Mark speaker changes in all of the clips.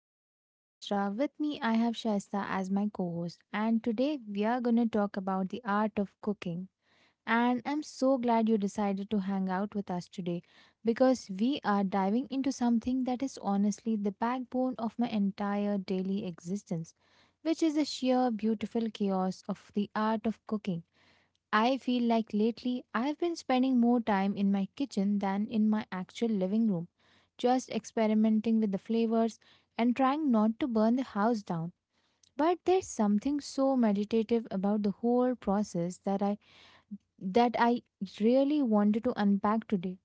Speaker 1: your host Hajra. With me I have Shaista as my co-host, and today we are going to talk about the art of cooking. And I'm so glad you decided to hang out with us today, because we are diving into something that is honestly the backbone of my entire daily existence, which is the sheer beautiful chaos of the art of cooking. I feel like lately I've been spending more time in my kitchen than in my actual living room, just experimenting with the flavors and trying not to burn the house down. But there's something so meditative about the whole process that I really wanted to unpack today.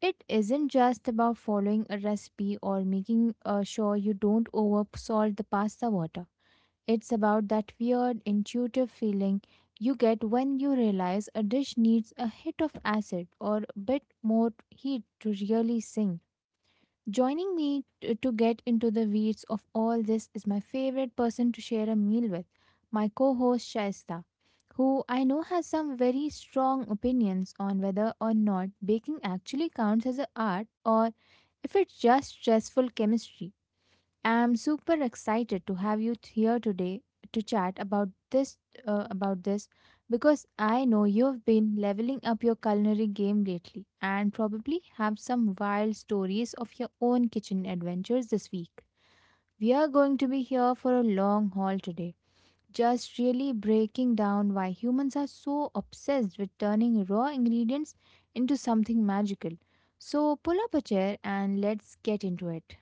Speaker 1: It isn't just about following a recipe or making sure you don't over salt the pasta water. It's about that weird intuitive feeling you get when you realize a dish needs a hit of acid or a bit more heat to really sink. Joining me to get into the weeds of all this is my favorite person to share a meal with, my co host Shaista, who I know has some very strong opinions on whether or not baking actually counts as an art or if it's just stressful chemistry. I'm super excited to have you here today to chat about this, because I know you've been leveling up your culinary game lately and probably have some wild stories of your own kitchen adventures this week. We are going to be here for a long haul today, just really breaking down why humans are so obsessed with turning raw ingredients into something magical. So pull up a chair and let's get into it.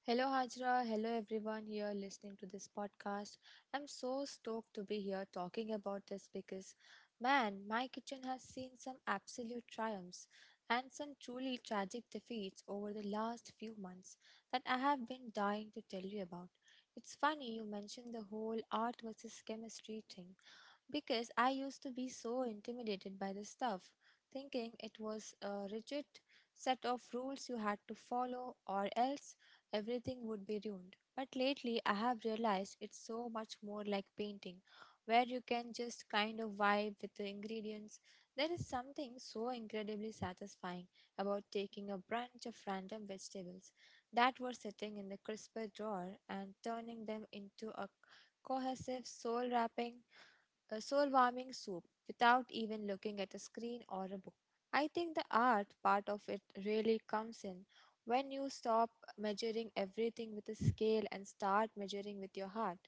Speaker 2: Hello, Hajra. Hello, everyone here listening to this podcast. I'm so stoked to be here talking about this because, man, my kitchen has seen some absolute triumphs and some truly tragic defeats over the last few months that I have been dying to tell you about. It's funny you mentioned the whole art versus chemistry thing because I used to be so intimidated by the stuff, thinking it was a rigid set of rules you had to follow or else everything would be ruined. But lately, I have realized it's so much more like painting, where you can just kind of vibe with the ingredients. There is something so incredibly satisfying about taking a bunch of random vegetables that were sitting in the crisper drawer and turning them into a cohesive soul wrapping a soul warming soup without even looking at a screen or a book. I think the art part of it really comes in when you stop measuring everything with a scale and start measuring with your heart.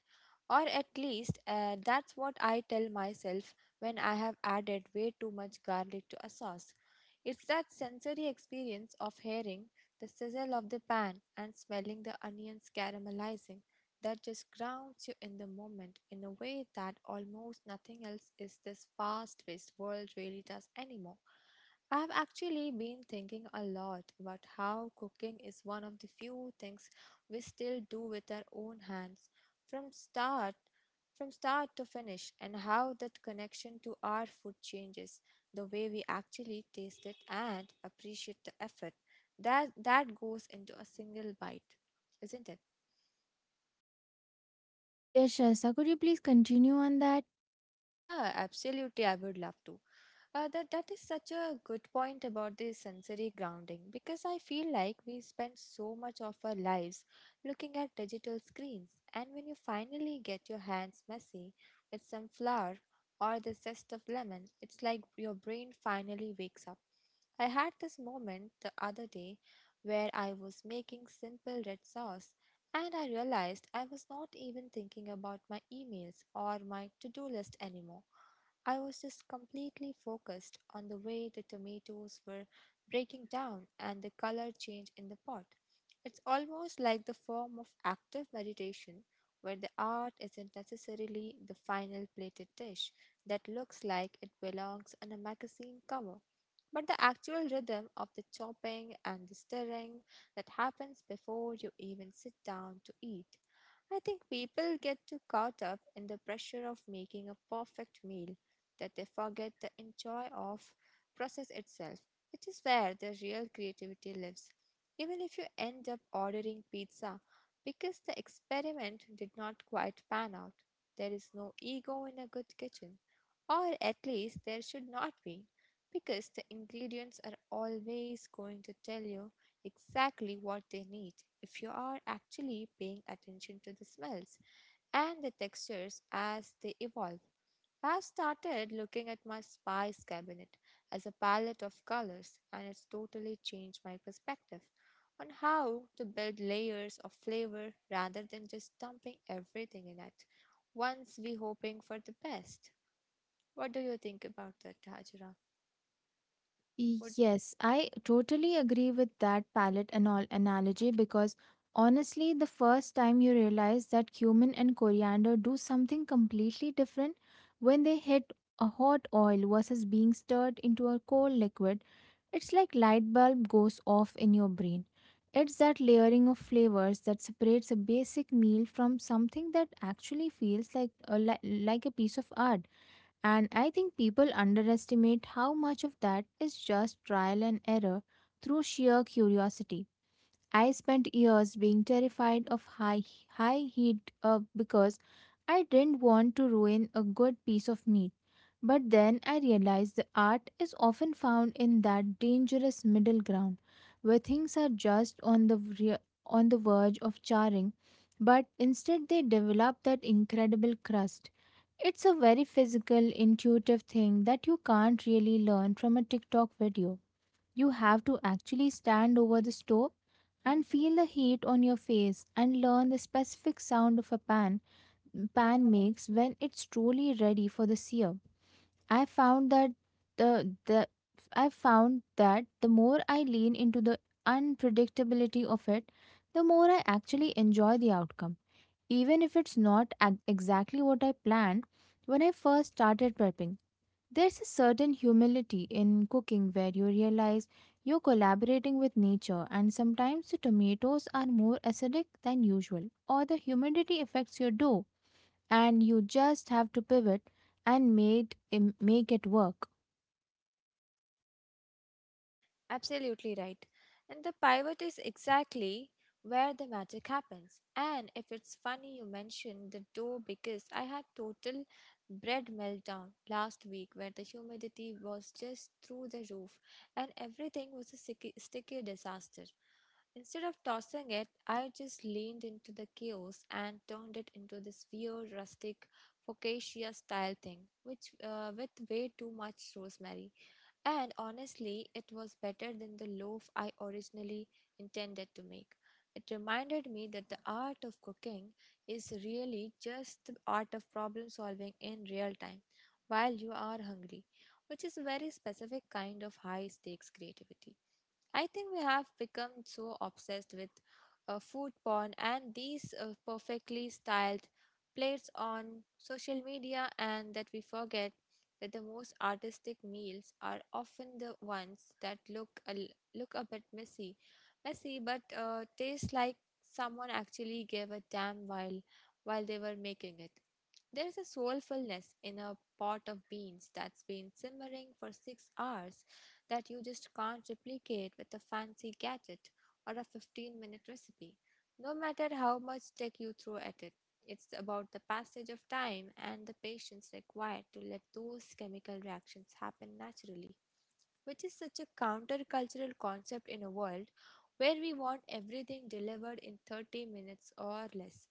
Speaker 2: Or at least that's what I tell myself when I have added way too much garlic to a sauce. It's that sensory experience of hearing the sizzle of the pan and smelling the onions caramelizing that just grounds you in the moment in a way that almost nothing else is this fast paced world really does anymore. I've actually been thinking a lot about how cooking is one of the few things we still do with our own hands from start from start to finish, and how that connection to our food changes the way we actually taste it and appreciate the effort that goes into a single bite, isn't it?
Speaker 1: Yes, Shasta, could you please continue on that?
Speaker 2: Yeah, absolutely. I would love to. That is such a good point about the sensory grounding because I feel like we spend so much of our lives looking at digital screens, and when you finally get your hands messy with some flour or the zest of lemon, it's like your brain finally wakes up. I had this moment the other day where I was making simple red sauce and I realized I was not even thinking about my emails or my to do list anymore. I was just completely focused on the way the tomatoes were breaking down and the color change in the pot. It's almost like the form of active meditation where the art isn't necessarily the final plated dish that looks like it belongs on a magazine cover. But the actual rhythm of the chopping and the stirring that happens before you even sit down to eat. I think people get too caught up in the pressure of making a perfect meal that they forget the enjoy of process itself, which is where the real creativity lives. Even if you end up ordering pizza because the experiment did not quite pan out, there is no ego in a good kitchen, or at least there should not be, because the ingredients are always going to tell you exactly what they need if you are actually paying attention to the smells and the textures as they evolve. I've started looking at my spice cabinet as a palette of colors, and it's totally changed my perspective on how to build layers of flavor rather than just dumping everything in it once we hoping for the best. What do you think about that, Hajra?
Speaker 1: Y-
Speaker 2: Would.
Speaker 1: Yes, I totally agree with that palette and all analogy, because honestly, the first time you realize that cumin and coriander do something completely different when they hit a hot oil versus being stirred into a cold liquid, it's like light bulb goes off in your brain. It's that layering of flavors that separates a basic meal from something that actually feels like like a piece of art. And I think people underestimate how much of that is just trial and error through sheer curiosity. I spent years being terrified of high heat, because I didn't want to ruin a good piece of meat. But then I realized the art is often found in that dangerous middle ground where things are just on the verge of charring, but instead they develop that incredible crust. It's a very physical, intuitive thing that you can't really learn from a TikTok video. You have to actually stand over the stove and feel the heat on your face and learn the specific sound of a pan makes when it's truly ready for the sear. I found that the, the I found that the more I lean into the unpredictability of it, the more I actually enjoy the outcome. Even if it's not exactly what I planned when I first started prepping, there's a certain humility in cooking where you realize you're collaborating with nature, and sometimes the tomatoes are more acidic than usual, or the humidity affects your dough and you just have to pivot and make it work.
Speaker 2: Absolutely right. And the pivot is exactly where the magic happens. And if it's funny you mentioned the dough because I had total bread meltdown last week where the humidity was just through the roof and everything was a sticky disaster. Instead of tossing it, I just leaned into the chaos and turned it into this weird rustic focaccia style thing, which with way too much rosemary. And honestly, it was better than the loaf I originally intended to make. It reminded me that the art of cooking is really just the art of problem solving in real time while you are hungry, which is a very specific kind of high stakes creativity. I think we have become so obsessed with food porn and these perfectly styled plates on social media, and that we forget that the most artistic meals are often the ones that look a bit messy, messy, but taste like someone actually gave a damn while they were making it. There is a soulfulness in a pot of beans that's been simmering for 6 hours that you just can't replicate with a fancy gadget or a 15-minute recipe, no matter how much tech you throw at it. It's about the passage of time and the patience required to let those chemical reactions happen naturally, which is such a countercultural concept in a world where we want everything delivered in 30 minutes or less.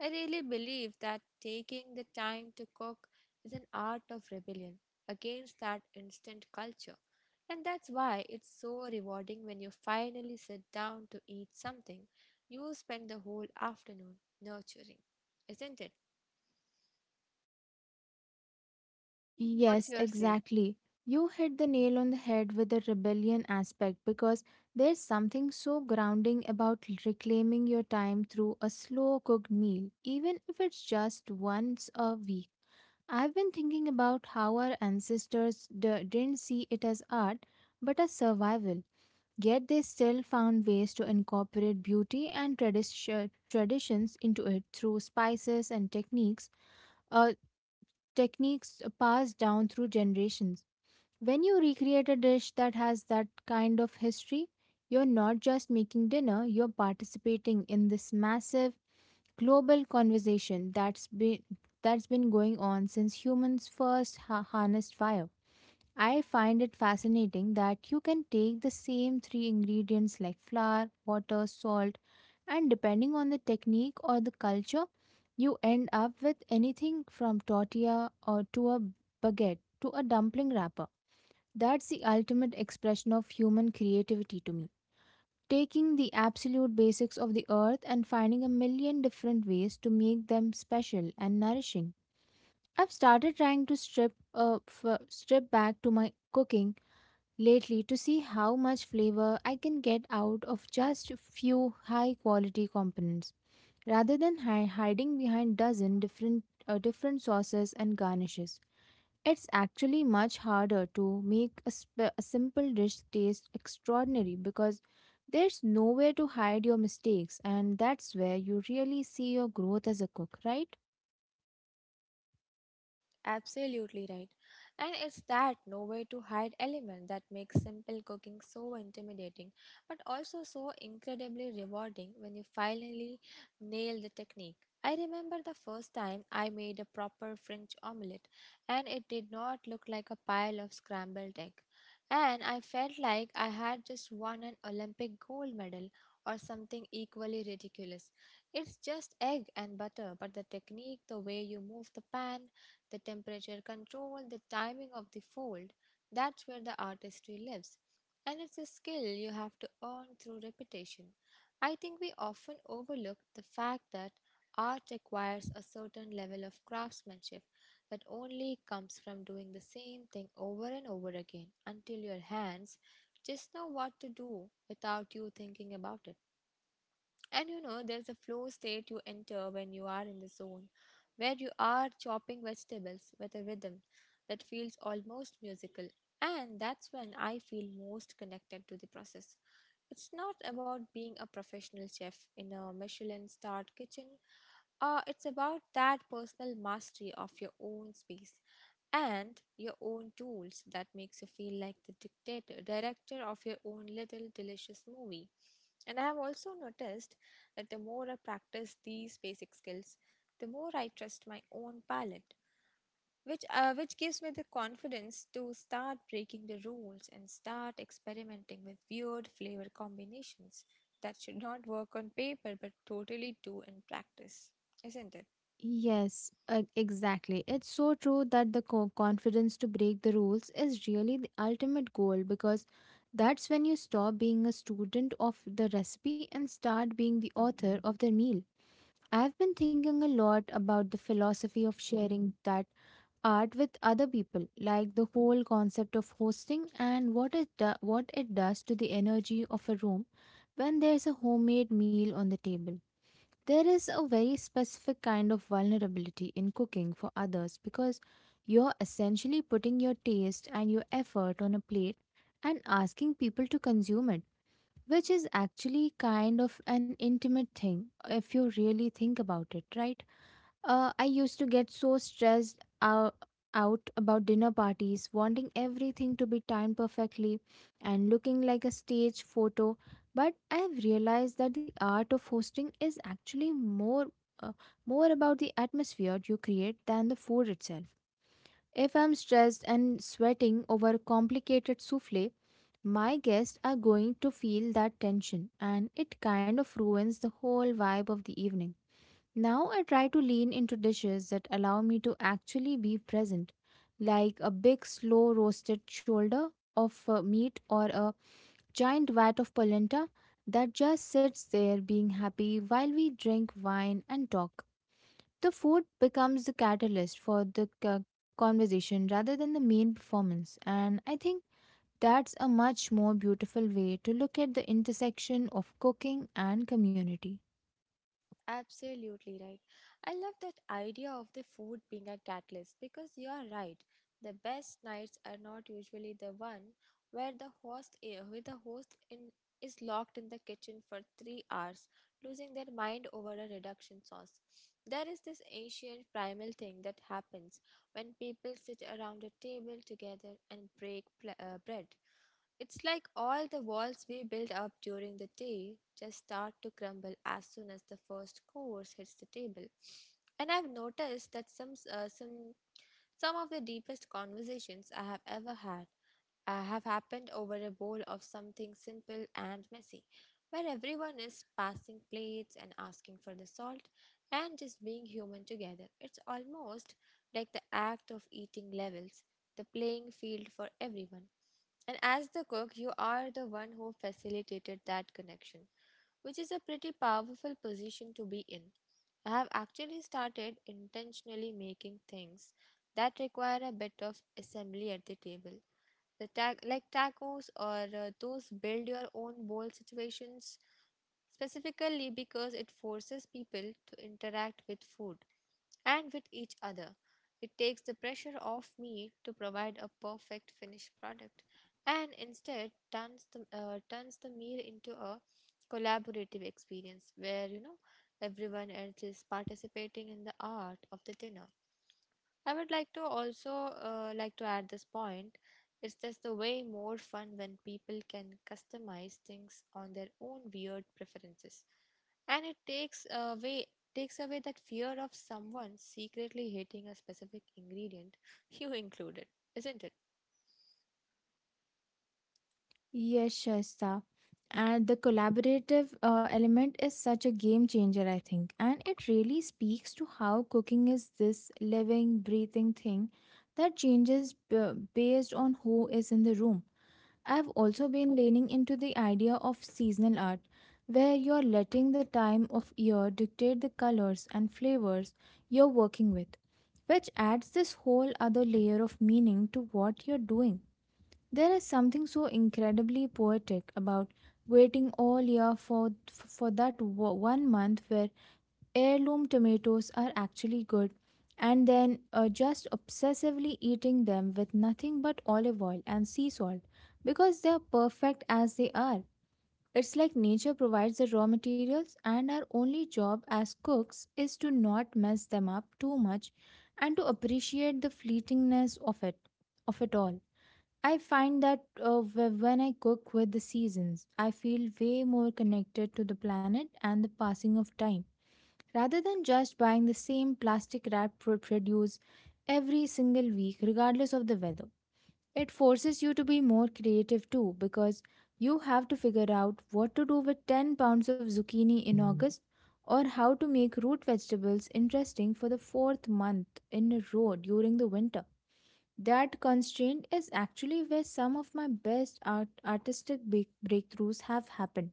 Speaker 2: I really believe that taking the time to cook is an art of rebellion against that instant culture. And that's why it's so rewarding when you finally sit down to eat something you spend the whole afternoon nurturing. Isn't it? What's
Speaker 1: Yes,
Speaker 2: your say?
Speaker 1: exactly. You hit the nail on the head with the rebellion aspect, because there's something so grounding about reclaiming your time through a slow cooked meal, even if it's just once a week. I've been thinking about how our ancestors didn't see it as art but as survival. Yet they still found ways to incorporate beauty and traditions into it through spices and uh, techniques passed down through generations. When you recreate a dish that has that kind of history, you're not just making dinner, you're participating in this massive global conversation that's been going on since humans first harnessed fire. I find it fascinating that you can take the same three ingredients like flour, water, salt, and depending on the technique or the culture, you end up with anything from tortilla or to a baguette to a dumpling wrapper. That's the ultimate expression of human creativity to me. Taking the absolute basics of the earth and finding a million different ways to make them special and nourishing. I've started trying to strip back to my cooking lately, to see how much flavor I can get out of just few high quality components rather than hiding behind dozen different sauces and garnishes. It's actually much harder to make a simple dish taste extraordinary, because there's nowhere to hide your mistakes, and that's where you really see your growth as a cook, right?
Speaker 2: Absolutely right. And it's that nowhere to hide element that makes simple cooking so intimidating, but also so incredibly rewarding when you finally nail the technique. I remember the first time I made a proper French omelette, and it did not look like a pile of scrambled egg. And I felt like I had just won an Olympic gold medal or something equally ridiculous. It's just egg and butter, but the technique, the way you move the pan, the temperature control, the timing of the fold. That's where the artistry lives. And it's a skill you have to earn through repetition. I think we often overlook the fact that art requires a certain level of craftsmanship that only comes from doing the same thing over and over again until your hands just know what to do without you thinking about it. And you know, there's a flow state you enter when you are in the zone, where you are chopping vegetables with a rhythm that feels almost musical. And that's when I feel most connected to the process. It's not about being a professional chef in a Michelin starred kitchen, it's about that personal mastery of your own space and your own tools that makes you feel like the dictator, director of your own little delicious movie. And I have also noticed that the more I practice these basic skills, the more I trust my own palate, which gives me the confidence to start breaking the rules and start experimenting with weird flavor combinations that should not work on paper but totally do in practice, isn't it?
Speaker 1: Yes, exactly. It's so true that the confidence to break the rules is really the ultimate goal, because that's when you stop being a student of the recipe and start being the author of the meal. I've been thinking a lot about the philosophy of sharing that art with other people, like the whole concept of hosting and what it does to the energy of a room when there's a homemade meal on the table. There is a very specific kind of vulnerability in cooking for others, because you're essentially putting your taste and your effort on a plate and asking people to consume it, which is actually kind of an intimate thing if you really think about it, right? I used to get so stressed out about dinner parties, wanting everything to be timed perfectly and looking like a stage photo. But I have realized that the art of hosting is actually uh, more about the atmosphere you create than the food itself. If I'm stressed and sweating over a complicated souffle, my guests are going to feel that tension, and it kind of ruins the whole vibe of the evening. Now I try to lean into dishes that allow me to actually be present, like a big slow roasted shoulder of meat or a giant vat of polenta that just sits there being happy while we drink wine and talk. The food becomes the catalyst for the conversation rather than the main performance, and I think that's a much more beautiful way to look at the intersection of cooking and community.
Speaker 2: Absolutely right. I love that idea of the food being a catalyst because you are right. The best nights are not usually the one where where the host in is locked in the kitchen for 3 hours, losing their mind over a reduction sauce. There is this ancient primal thing that happens when people sit around a table together and bread. It's like all the walls we build up during the day just start to crumble as soon as the first course hits the table. And I've noticed that some s- some of the deepest conversations I have ever had have happened over a bowl of something simple and messy, where everyone is passing plates and asking for the salt and just being human together. It's almost like the act of eating levels, the playing field for everyone. And as the cook, you are the one who facilitated that connection, which is a pretty powerful position to be in. I have actually started intentionally making things that require a bit of assembly at the table. Like tacos or those build your own bowl situations, specifically because it forces people to interact with food and with each other. It takes the pressure off me to provide a perfect finished product and instead turns the meal into a collaborative experience where you know everyone else is participating in the art of the dinner. I would like to also like to add this point. It's just the way more fun when people can customize things on their own weird preferences, and it takes away that fear of someone secretly hating a specific ingredient you included, isn't it?
Speaker 1: Yes, Shasta. And the collaborative element is such a game changer, I think. And it really speaks to how cooking is this living, breathing thing that changes based on who is in the room. I've also been leaning into the idea of seasonal art, where you're letting the time of year dictate the colors and flavors you're working with, which adds this whole other layer of meaning to what you're doing. There is something so incredibly poetic about waiting all year for that one month where heirloom tomatoes are actually good, and then just obsessively eating them with nothing but olive oil and sea salt, because they're perfect as they are. It's like nature provides the raw materials and our only job as cooks is to not mess them up too much, and to appreciate the fleetingness of it all. I find that when I cook with the seasons, I feel way more connected to the planet and the passing of time. Rather than just buying the same plastic wrapped produce every single week, regardless of the weather, it forces you to be more creative too, because you have to figure out what to do with 10 pounds of zucchini in August, or how to make root vegetables interesting for the fourth month in a row during the winter. That constraint is actually where some of my best artistic breakthroughs have happened.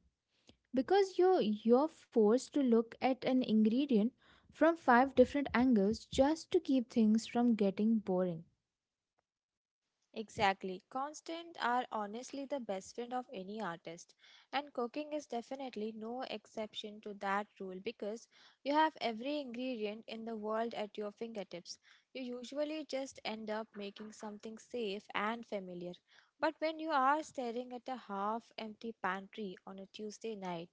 Speaker 1: Because you're forced to look at an ingredient from five different angles just to keep things from getting boring.
Speaker 2: Exactly. Constant are honestly the best friend of any artist. And cooking is definitely no exception to that rule because you have every ingredient in the world at your fingertips. You usually just end up making something safe and familiar. But when you are staring at a half empty pantry on a Tuesday night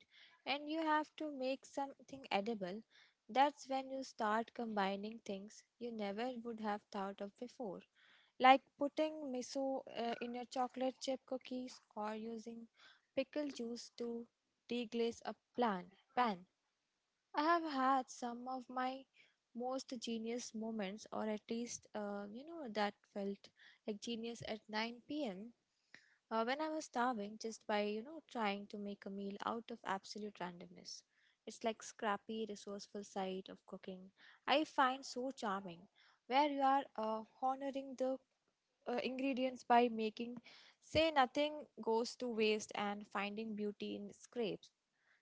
Speaker 2: and you have to make something edible, that's when you start combining things you never would have thought of before, like putting miso in your chocolate chip cookies or using pickle juice to deglaze a plan pan. I have had some of my most genius moments, or at least that felt like genius at 9 p.m. When I was starving, just by trying to make a meal out of absolute randomness. It's like scrappy, resourceful side of cooking I find so charming, where you are honoring the ingredients by making say nothing goes to waste and finding beauty in scrapes.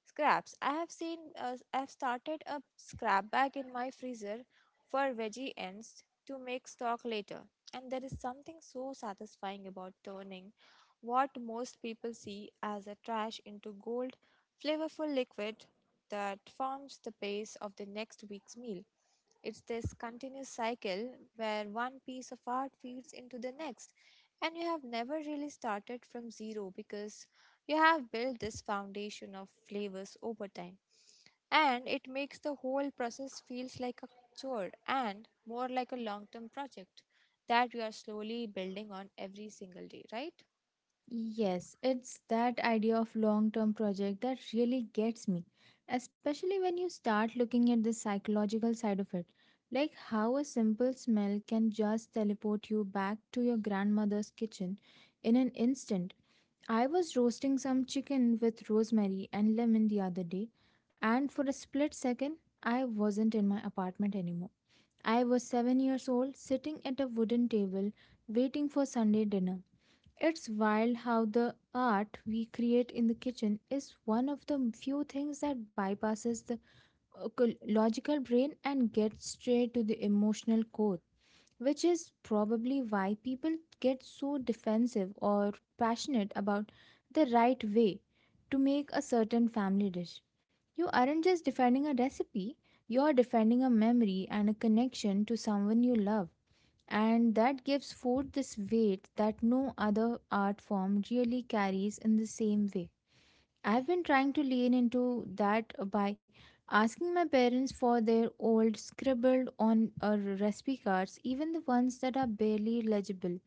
Speaker 2: scraps. I have I've started a scrap bag in my freezer for veggie ends to make stock later. And there is something so satisfying about turning what most people see as a trash into gold, flavorful liquid that forms the base of the next week's meal. It's this continuous cycle where one piece of art feeds into the next, and you have never really started from zero because you have built this foundation of flavors over time, and it makes the whole process feels like a chore and more like a long-term project that you are slowly building on every single day, right?
Speaker 1: Yes, it's that idea of long term project that really gets me, especially when you start looking at the psychological side of it. Like how a simple smell can just teleport you back to your grandmother's kitchen in an instant. I was roasting some chicken with rosemary and lemon the other day, and for a split second, I wasn't in my apartment anymore. I was 7 years old, sitting at a wooden table, waiting for Sunday dinner. It's wild how the art we create in the kitchen is one of the few things that bypasses the logical brain and gets straight to the emotional core, which is probably why people get so defensive or passionate about the right way to make a certain family dish. You aren't just defending a recipe, you're defending a memory and a connection to someone you love, and that gives food this weight that no other art form really carries in the same way. I've been trying to lean into that by asking my parents for their old scribbled on recipe cards, even the ones that are barely legible,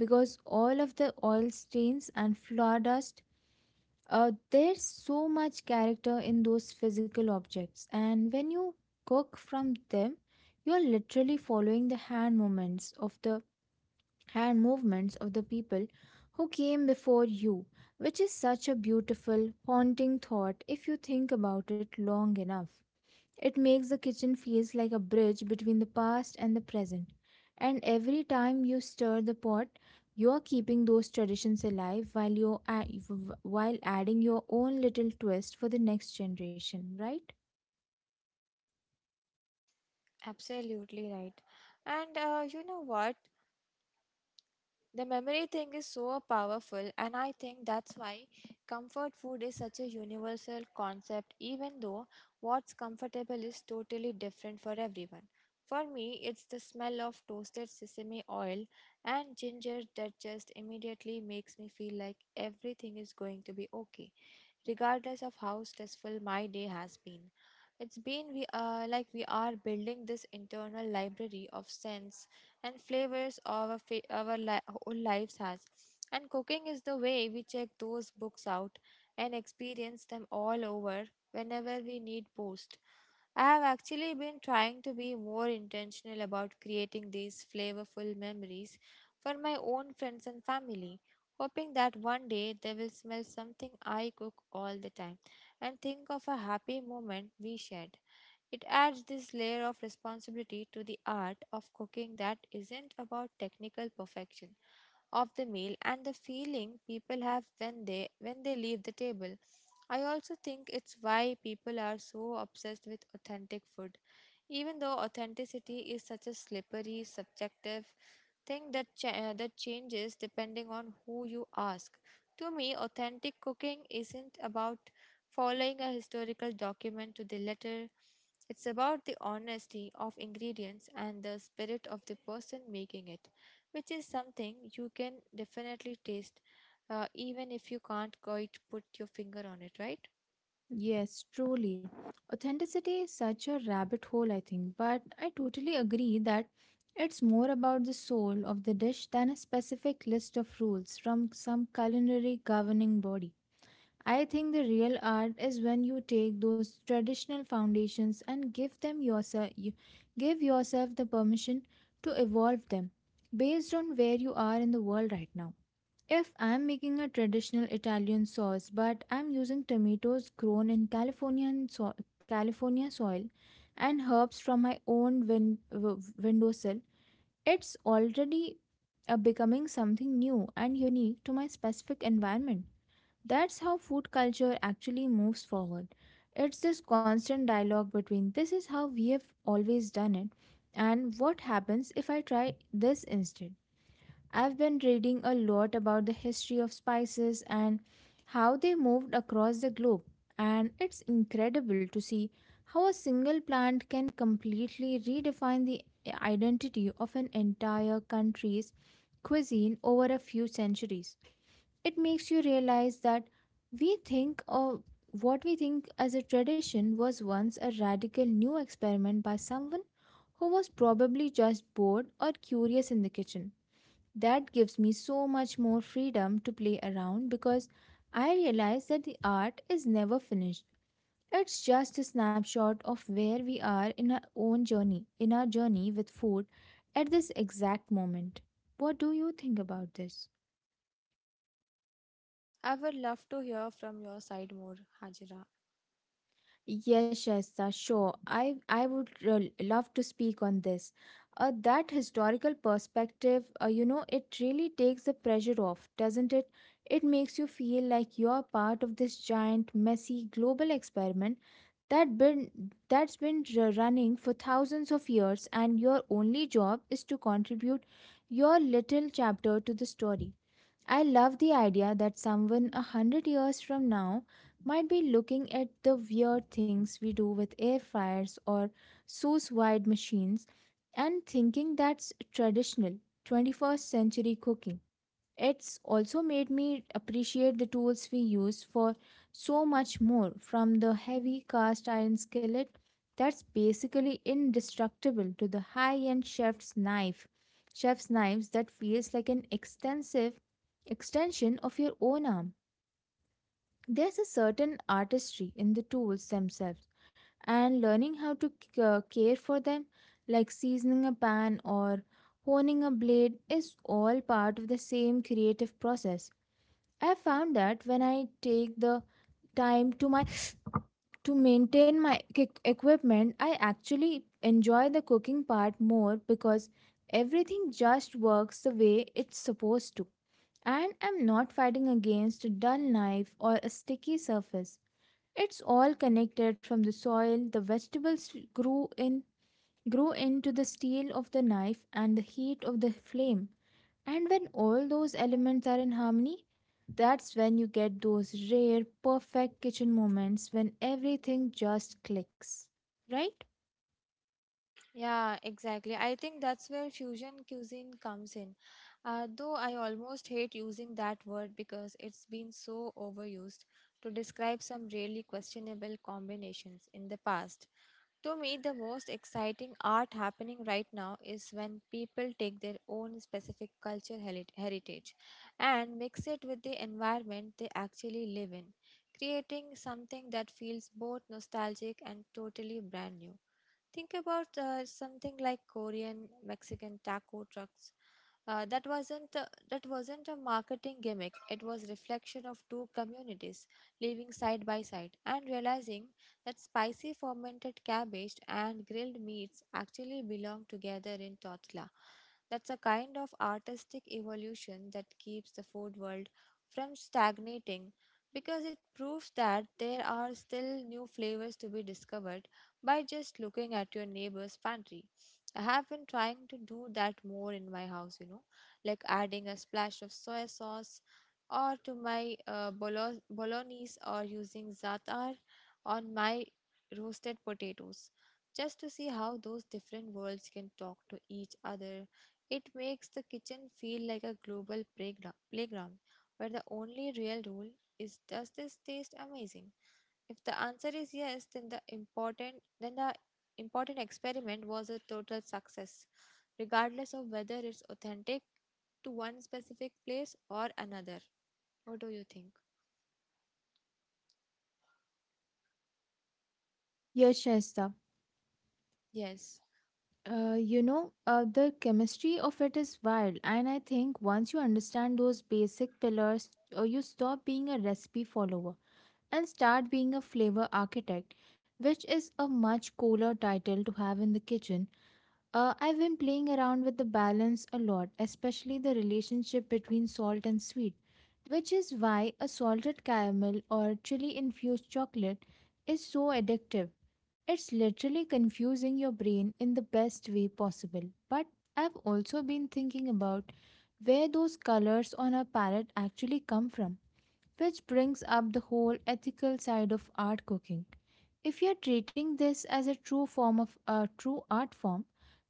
Speaker 1: because all of the oil stains and flour dust. There's so much character in those physical objects, and when you cook from them, you're literally following the hand movements of the and movements of the people who came before you, which is such a beautiful, haunting thought if you think about it long enough. It makes the kitchen feels like a bridge between the past and the present. And every time you stir the pot, you are keeping those traditions alive while adding your own little twist for the next generation, right?
Speaker 2: Absolutely right. And you know what? The memory thing is so powerful, and I think that's why comfort food is such a universal concept, even though what's comfortable is totally different for everyone. For me, it's the smell of toasted sesame oil and ginger that just immediately makes me feel like everything is going to be okay regardless of how stressful my day has been. It's been we like we are building this internal library of scents and flavors our whole lives has, and cooking is the way we check those books out and experience them all over whenever we need boost. I have actually been trying to be more intentional about creating these flavorful memories for my own friends and family, hoping that one day they will smell something I cook all the time and think of a happy moment we shared. It adds this layer of responsibility to the art of cooking that isn't about technical perfection of the meal and the feeling people have when they leave the table. I also think it's why people are so obsessed with authentic food, even though authenticity is such a slippery, subjective thing that changes depending on who you ask. To me, authentic cooking isn't about following a historical document to the letter. It's about the honesty of ingredients and the spirit of the person making it, which is something you can definitely taste, even if you can't quite put your finger on it, right?
Speaker 1: Yes, truly. Authenticity is such a rabbit hole, I think, but I totally agree that it's more about the soul of the dish than a specific list of rules from some culinary governing body. I think the real art is when you take those traditional foundations and give yourself the permission to evolve them based on where you are in the world right now. If I'm making a traditional Italian sauce but I'm using tomatoes grown in California soil and herbs from my own windowsill, it's already becoming something new and unique to my specific environment. That's how food culture actually moves forward. It's this constant dialogue between this is how we have always done it and what happens if I try this instead. I've been reading a lot about the history of spices and how they moved across the globe, and it's incredible to see how a single plant can completely redefine the identity of an entire country's cuisine over a few centuries. It makes you realize that we think of what we think as a tradition was once a radical new experiment by someone who was probably just bored or curious in the kitchen. That gives me so much more freedom to play around because I realize that the art is never finished. It's just a snapshot of where we are in our own journey, in our journey with food at this exact moment. What do you think about this?
Speaker 2: I would love to hear from your side more, Hajira.
Speaker 1: Yes, Shaista, sure. I would love to speak on this. That historical perspective, you know, it really takes the pressure off, doesn't it? It makes you feel like you're part of this giant, messy global experiment that been that's been running for thousands of years, and your only job is to contribute your little chapter to the story. I love the idea that someone a hundred years from now might be looking at the weird things we do with air fryers or sous vide machines and thinking that's traditional 21st century cooking. It's also made me appreciate the tools we use for so much more, from the heavy cast iron skillet that's basically indestructible to the high-end chef's knives that feels like an extensive extension of your own arm. There's a certain artistry in the tools themselves, and learning how to care for them, like seasoning a pan or honing a blade, is all part of the same creative process. I found that when I take the time to maintain my equipment, I actually enjoy the cooking part more because everything just works the way it's supposed to, and I'm not fighting against a dull knife or a sticky surface. It's all connected, from the soil the vegetables grew into, the steel of the knife, and the heat of the flame. And when all those elements are in harmony, that's when you get those rare, perfect kitchen moments when everything just clicks, right?
Speaker 2: Yeah, exactly. I think that's where fusion cuisine comes in. Though I almost hate using that word because it's been so overused to describe some really questionable combinations in the past. To me, the most exciting art happening right now is when people take their own specific heritage and mix it with the environment they actually live in, creating something that feels both nostalgic and totally brand new. Think about something like Korean Mexican taco trucks. That wasn't a marketing gimmick. It was reflection of two communities living side by side and realizing that spicy fermented cabbage and grilled meats actually belong together in tortilla. That's a kind of artistic evolution that keeps the food world from stagnating because it proves that there are still new flavors to be discovered by just looking at your neighbor's pantry. I have been trying to do that more in my house, you know, like adding a splash of soy sauce or to my bolognese or using za'atar on my roasted potatoes. Just to see how those different worlds can talk to each other, it makes the kitchen feel like a global playground where the only real rule is, does this taste amazing? If the answer is yes, then the important experiment was a total success, regardless of whether it's authentic to one specific place or another. What do you think?
Speaker 1: Yes, Shaista.
Speaker 2: Yes.
Speaker 1: You know, the chemistry of it is wild, and I think once you understand those basic pillars, you stop being a recipe follower and start being a flavor architect, which is a much cooler title to have in the kitchen. I've been playing around with the balance a lot, especially the relationship between salt and sweet, which is why a salted caramel or chili infused chocolate is so addictive. It's literally confusing your brain in the best way possible. But I've also been thinking about where those colors on our palette actually come from, which brings up the whole ethical side of art cooking. If you're treating this as a true art form,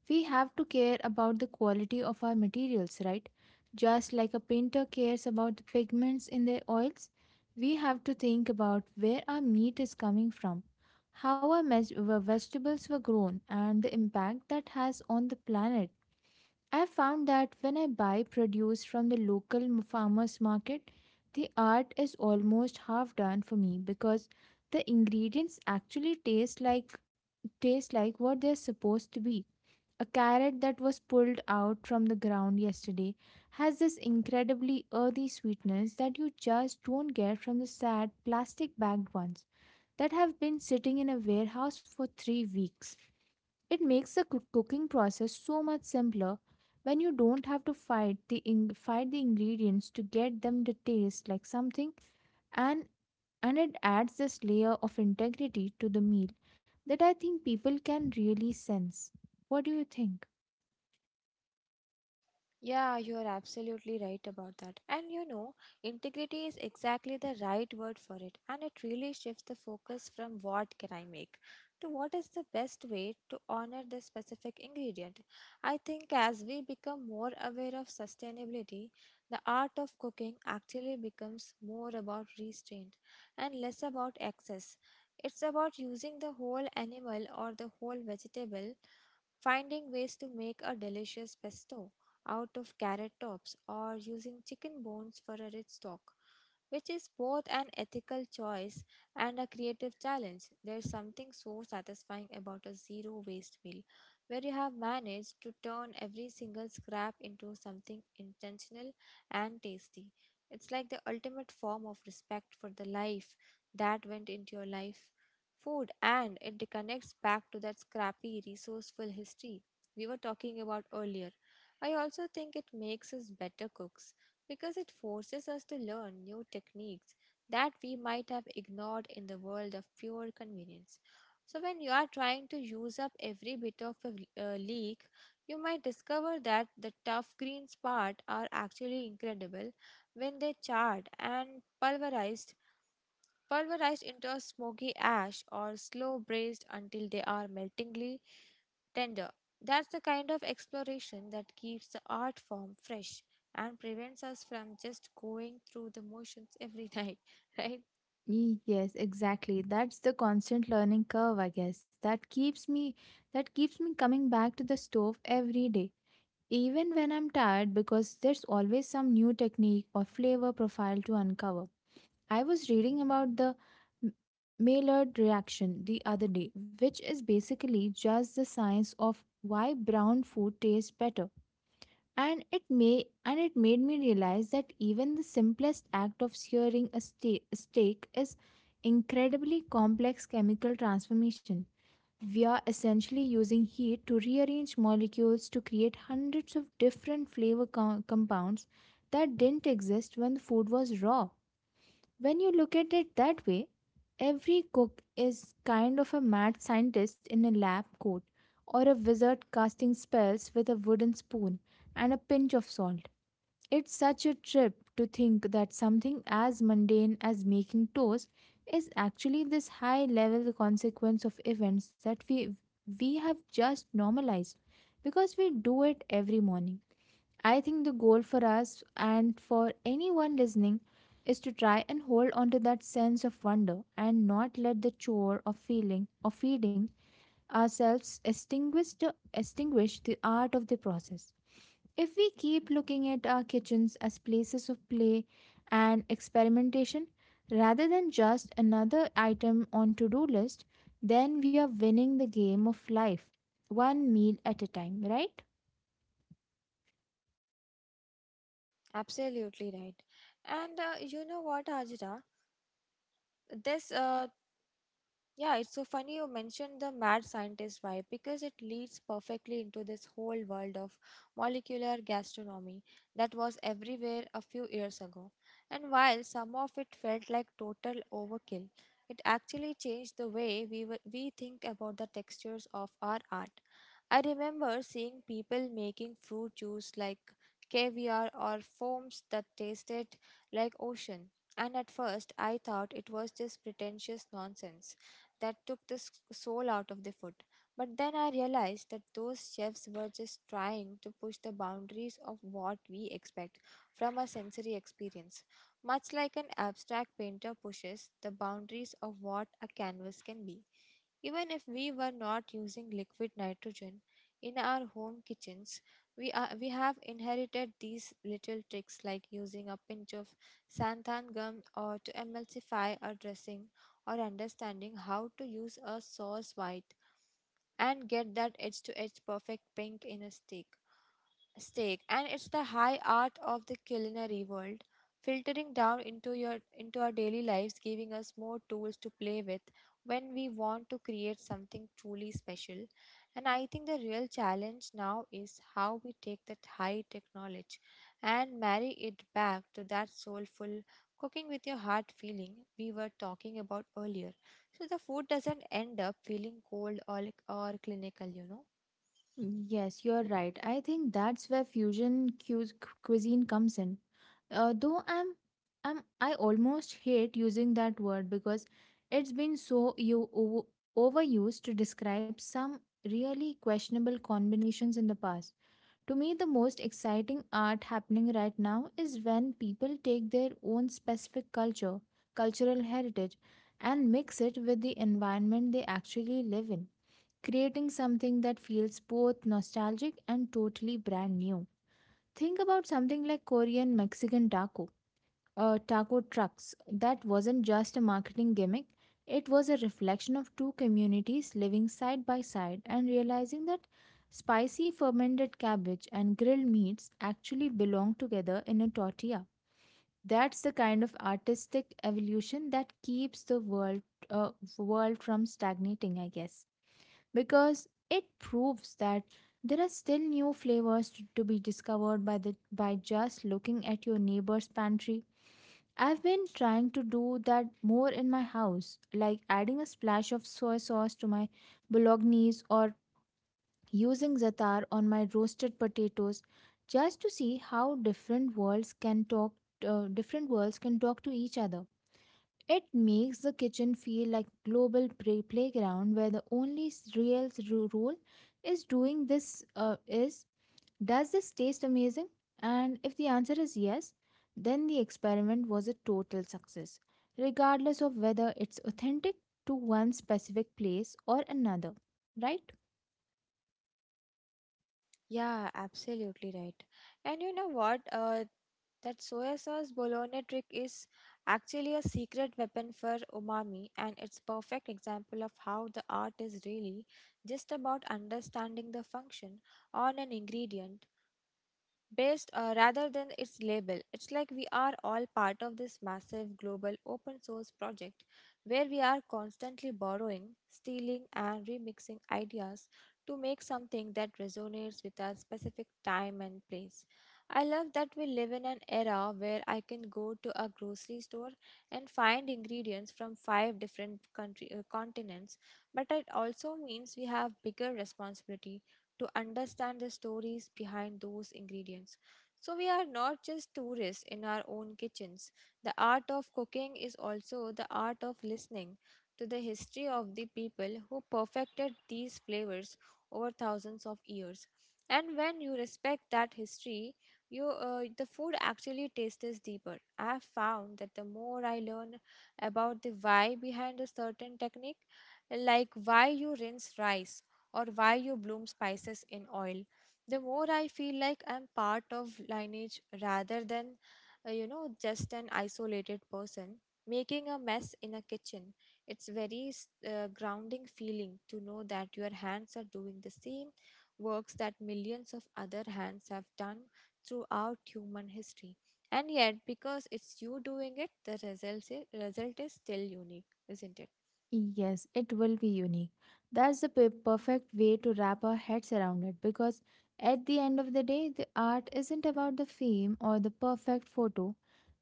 Speaker 1: we have to care about the quality of our materials, right? Just like a painter cares about the pigments in their oils, we have to think about where our meat is coming from, how our vegetables were grown, and the impact that has on the planet. I found that when I buy produce from the local farmers market, the art is almost half done for me because the ingredients actually taste like what they're supposed to be. A carrot that was pulled out from the ground yesterday has this incredibly earthy sweetness that you just don't get from the sad plastic bagged ones that have been sitting in a warehouse for 3 weeks. It makes the cooking process so much simpler when you don't have to fight the ingredients to get them to taste like something, and and it adds this layer of integrity to the meal that I think people can really sense. What do you think?
Speaker 2: Yeah, you are absolutely right about that. And you know, integrity is exactly the right word for it. And it really shifts the focus from what can I make to what is the best way to honor the specific ingredient. I think as we become more aware of sustainability, the art of cooking actually becomes more about restraint and less about excess. It's about using the whole animal or the whole vegetable. Finding ways to make a delicious pesto out of carrot tops or using chicken bones for a rich stock, which is both an ethical choice and a creative challenge. There's something so satisfying about a zero waste meal where you have managed to turn every single scrap into something intentional and tasty. It's like the ultimate form of respect for the life that went into your life food, and it connects back to that scrappy, resourceful history we were talking about earlier. I also think it makes us better cooks because it forces us to learn new techniques that we might have ignored in the world of pure convenience. So, when you are trying to use up every bit of a leek, you might discover that the tough green part are actually incredible when they charred and pulverized into a smoky ash or slow braised until they are meltingly tender. That's the kind of exploration that keeps the art form fresh and prevents us from just going through the motions every night, right?
Speaker 1: Yes, exactly. That's the constant learning curve, I guess, that keeps me coming back to the stove every day, even when I'm tired, because there's always some new technique or flavor profile to uncover. I was reading about the M- Maillard reaction the other day, which is basically just the science of why brown food tastes better. And it may and it made me realize that even the simplest act of searing a steak is incredibly complex chemical transformation. We are essentially using heat to rearrange molecules to create hundreds of different flavor compounds that didn't exist when the food was raw. When you look at it that way, every cook is kind of a mad scientist in a lab coat or a wizard casting spells with a wooden spoon and a pinch of salt. It's such a trip to think that something as mundane as making toast is actually this high level consequence of events that we have just normalized because we do it every morning. I think the goal for us and for anyone listening is to try and hold on to that sense of wonder and not let the chore of feeling or feeding ourselves extinguish the art of the process. If we keep looking at our kitchens as places of play and experimentation rather than just another item on to-do list, then we are winning the game of life, one meal at a time, right?
Speaker 2: Absolutely right. And you know what, Ajra? This Yeah, it's so funny you mentioned the mad scientist vibe because it leads perfectly into this whole world of molecular gastronomy that was everywhere a few years ago. And while some of it felt like total overkill, it actually changed the way we think about the textures of our art. I remember seeing people making fruit juice like caviar or foams that tasted like ocean. And at first, I thought it was just pretentious nonsense that took soul out of the food. But then I realized that those chefs were just trying to push the boundaries of what we expect from a sensory experience, much like an abstract painter pushes the boundaries of what a canvas can be. Even if we were not using liquid nitrogen in our home kitchens, we have inherited these little tricks like using a pinch of xanthan gum or to emulsify a dressing, or understanding how to use a sauce white and get that edge to edge perfect pink in a steak. And it's the high art of the culinary world filtering down into your into our daily lives, giving us more tools to play with when we want to create something truly special. And I think the real challenge now is how we take that high tech knowledge and marry it back to that soulful cooking with your heart feeling we were talking about earlier, so the food doesn't end up feeling cold or clinical, you know.
Speaker 1: Yes, you're right. I think that's where fusion cuisine comes in. Though I almost hate using that word because it's been so overused to describe some really questionable combinations in the past. To me, the most exciting art happening right now is when people take their own cultural heritage, and mix it with the environment they actually live in, creating something that feels both nostalgic and totally brand new. Think about something like Korean Mexican taco trucks. That wasn't just a marketing gimmick, it was a reflection of two communities living side by side and realizing that spicy fermented cabbage and grilled meats actually belong together in a tortilla. That's the kind of artistic evolution that keeps the uh, world from stagnating, I guess, because it proves that there are still new flavors to be discovered by just looking at your neighbor's pantry. I've been trying to do that more in my house, like adding a splash of soy sauce to my bolognese or using za'atar on my roasted potatoes, just to see how different worlds can talk to each other. It makes the kitchen feel like global playground where the only real rule is doing this is does this taste amazing? And if the answer is yes, then the experiment was a total success, regardless of whether it's authentic to one specific place or another, right?
Speaker 2: Yeah, absolutely right. And you know what? That soya sauce bolognese trick is actually a secret weapon for umami, and it's perfect example of how the art is really just about understanding the function on an ingredient based, rather than its label. It's like we are all part of this massive global open source project where we are constantly borrowing, stealing, and remixing ideas to make something that resonates with our specific time and place. I love that we live in an era where I can go to a grocery store and find ingredients from five different continents, but it also means we have bigger responsibility to understand the stories behind those ingredients. So, we are not just tourists in our own kitchens. The art of cooking is also the art of listening to the history of the people who perfected these flavors over thousands of years. And when you respect that history, you the food actually tastes deeper. I have found that the more I learn about the why behind a certain technique, like why you rinse rice or why you bloom spices in oil, the more I feel like I'm part of lineage rather than, just an isolated person. Making a mess in a kitchen, it's very grounding feeling to know that your hands are doing the same works that millions of other hands have done throughout human history. And yet, because it's you doing it, the result is still unique, isn't it?
Speaker 1: Yes, it will be unique. That's the perfect way to wrap our heads around it because at the end of the day, the art isn't about the fame or the perfect photo.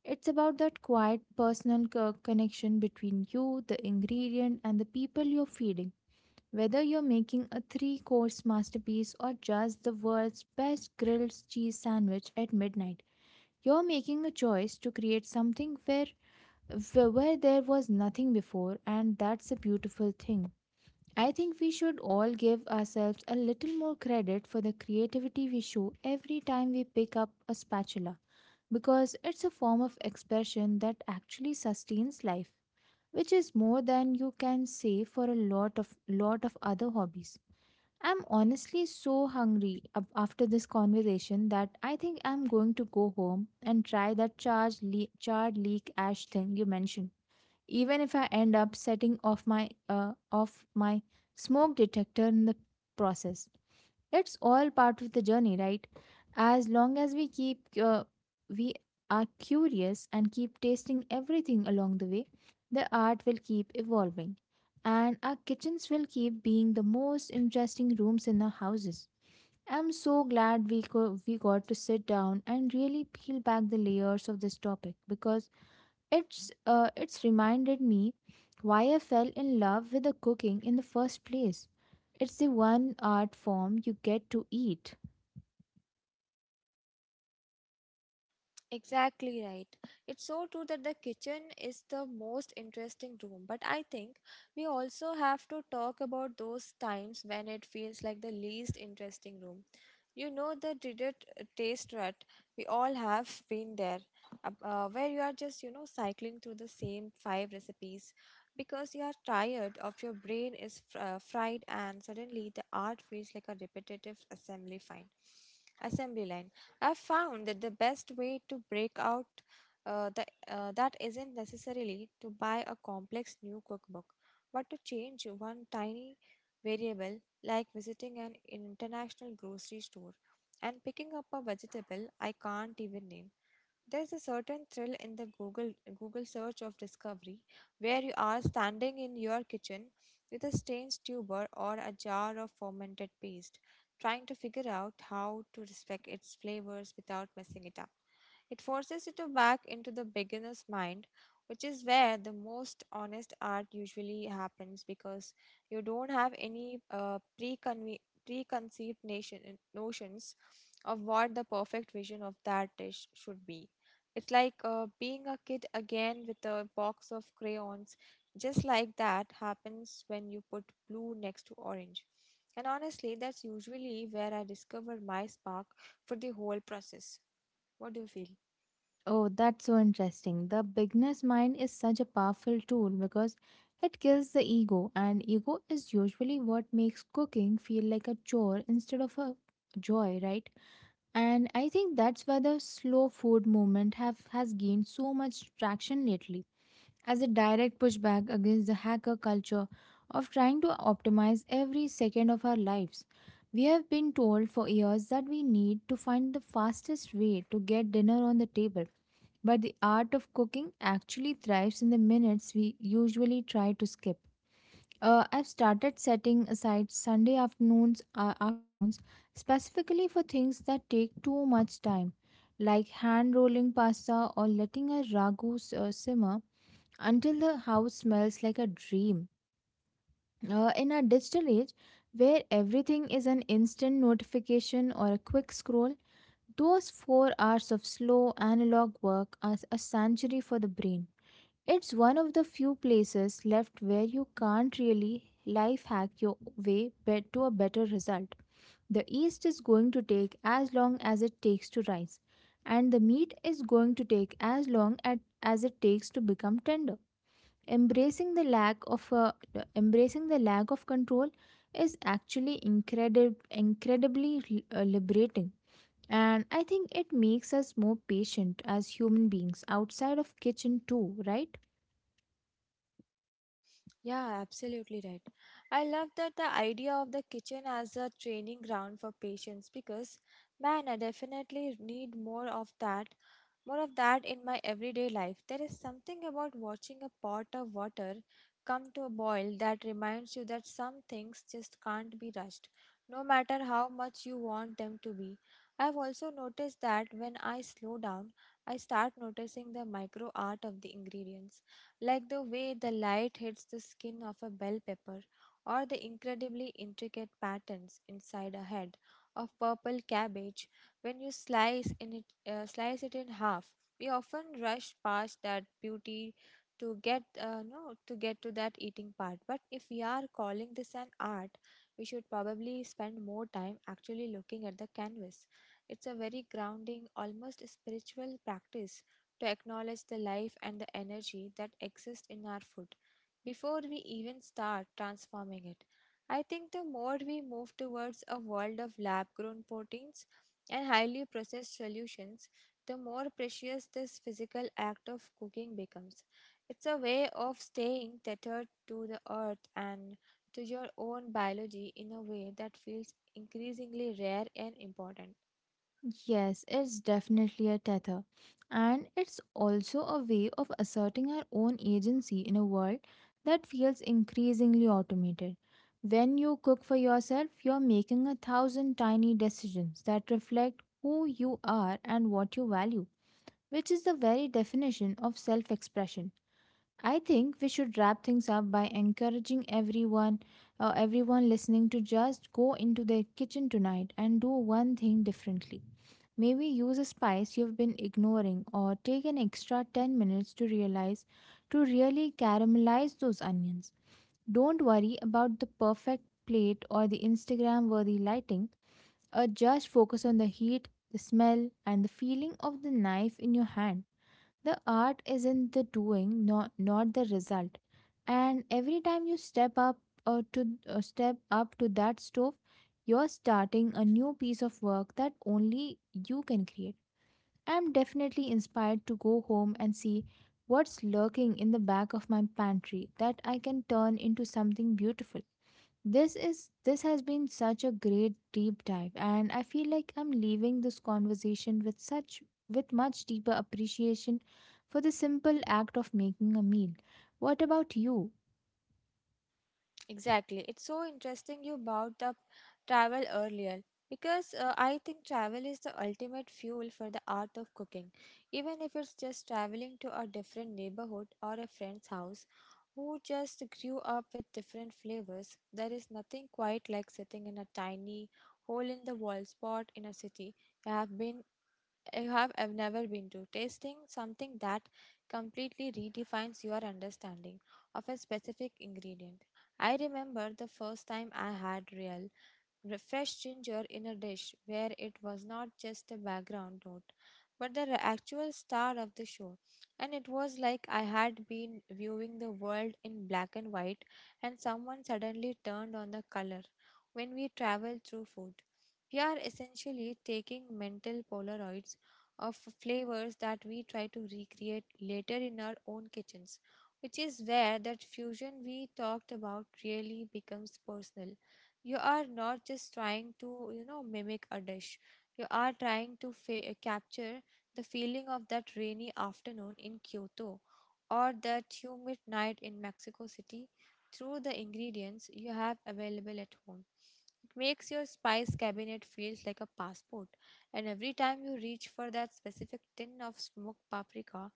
Speaker 1: It's about that quiet personal connection between you, the ingredient, and the people you're feeding. Whether you're making a three course masterpiece or just the world's best grilled cheese sandwich at midnight, you're making a choice to create something where where there was nothing before, and that's a beautiful thing. I think we should all give ourselves a little more credit for the creativity we show every time we pick up a spatula, because it's a form of expression that actually sustains life, which is more than you can say for a lot of other hobbies. I'm honestly so hungry after this conversation that I think I'm going to go home and try that charred leek ash thing you mentioned. Even if I end up setting off my smoke detector in the process. It's all part of the journey, right? As long as we are curious and keep tasting everything along the way, the art will keep evolving and our kitchens will keep being the most interesting rooms in our houses. I'm so glad we got to sit down and really peel back the layers of this topic, because it's reminded me why I fell in love with the cooking in the first place. It's the one art form you get to eat.
Speaker 2: Exactly right. It's so true that the kitchen is the most interesting room, but I think we also have to talk about those times when it feels like the least interesting room. The dreaded taste rut. We all have been there. Where you are just, cycling through the same five recipes because you are tired of, your brain is fried, and suddenly the art feels like a repetitive assembly line. I've found that the best way to break out uh, the, that isn't necessarily to buy a complex new cookbook, but to change one tiny variable, like visiting an international grocery store and picking up a vegetable I can't even name. There's a certain thrill in the Google search of discovery, where you are standing in your kitchen with a strange tuber or a jar of fermented paste, trying to figure out how to respect its flavors without messing it up. It forces you to back into the beginner's mind, which is where the most honest art usually happens, because you don't have any preconceived notions of what the perfect vision of that dish should be. It's like being a kid again with a box of crayons. Just like that happens when you put blue next to orange. And honestly, that's usually where I discover my spark for the whole process. What do you feel?
Speaker 1: Oh, that's so interesting. The beginner's mind is such a powerful tool because it kills the ego, and ego is usually what makes cooking feel like a chore instead of a joy, right? And I think that's why the slow food movement have has gained so much traction lately as a direct pushback against the hacker culture of trying to optimize every second of our lives. We have been told for years that we need to find the fastest way to get dinner on the table, but the art of cooking actually thrives in the minutes we usually try to skip. I've started setting aside Sunday afternoons specifically for things that take too much time, like hand rolling pasta or letting a ragu simmer until the house smells like a dream. In our digital age, where everything is an instant notification or a quick scroll, those 4 hours of slow analog work are a sanctuary for the brain. It's one of the few places left where you can't really life hack your way to a better result. The yeast is going to take as long as it takes to rise, and the meat is going to take as long as it takes to become tender. Embracing the lack of uh, embracing the lack of control is actually incredible incredibly l- liberating and I think it makes us more patient as human beings outside of kitchen too, right?
Speaker 2: Yeah, absolutely right. I love that the idea of the kitchen as a training ground for patients, because, man, I definitely need more of that in my everyday life. There is something about watching a pot of water come to a boil that reminds you that some things just can't be rushed, no matter how much you want them to be. I've also noticed that when I slow down, I start noticing the micro art of the ingredients, like the way the light hits the skin of a bell pepper, or the incredibly intricate patterns inside a head of purple cabbage when you slice it in half. We often rush past that beauty to get no to get to that eating part. But if we are calling this an art, we should probably spend more time actually looking at the canvas. It's a very grounding, almost spiritual practice to acknowledge the life and the energy that exist in our food before we even start transforming it. I think the more we move towards a world of lab grown proteins and highly processed solutions, the more precious this physical act of cooking becomes. It's a way of staying tethered to the earth and to your own biology in a way that feels increasingly rare and important.
Speaker 1: Yes, it's definitely a tether. And it's also a way of asserting our own agency in a world that feels increasingly automated. When you cook for yourself, you're making a thousand tiny decisions that reflect who you are and what you value, which is the very definition of self expression. I think we should wrap things up by encouraging everyone listening to just go into their kitchen tonight and do one thing differently. Maybe use a spice you've been ignoring or take an extra 10 minutes to really caramelize those onions. Don't worry about the perfect plate or the Instagram worthy lighting, or just focus on the heat, the smell, and the feeling of the knife in your hand. The art is in the doing, not the result. And every time you step up to that stove, you're starting a new piece of work that only you can create. I'm definitely inspired to go home and see what's lurking in the back of my pantry that I can turn into something beautiful. This has been such a great deep dive, and I feel like I'm leaving this conversation with such with much deeper appreciation for the simple act of making a meal. What about you?
Speaker 2: Exactly. It's so interesting you brought up travel earlier, because I think travel is the ultimate fuel for the art of cooking. Even if it's just traveling to a different neighborhood or a friend's house who just grew up with different flavors, there is nothing quite like sitting in a tiny hole in the wall spot in a city you have been I have I've never been to. Tasting something that completely redefines your understanding of a specific ingredient. I remember the first time I had real fresh ginger in a dish where it was not just a background note but the actual star of the show. And it was like I had been viewing the world in black and white and someone suddenly turned on the color. When we travel through food, we are essentially taking mental polaroids of flavors that we try to recreate later in our own kitchens, which is where that fusion we talked about really becomes personal. You are not just trying to mimic a dish. You are trying to capture the feeling of that rainy afternoon in Kyoto or that humid night in Mexico City through the ingredients you have available at home. It makes your spice cabinet feels like a passport, and every time you reach for that specific tin of smoked paprika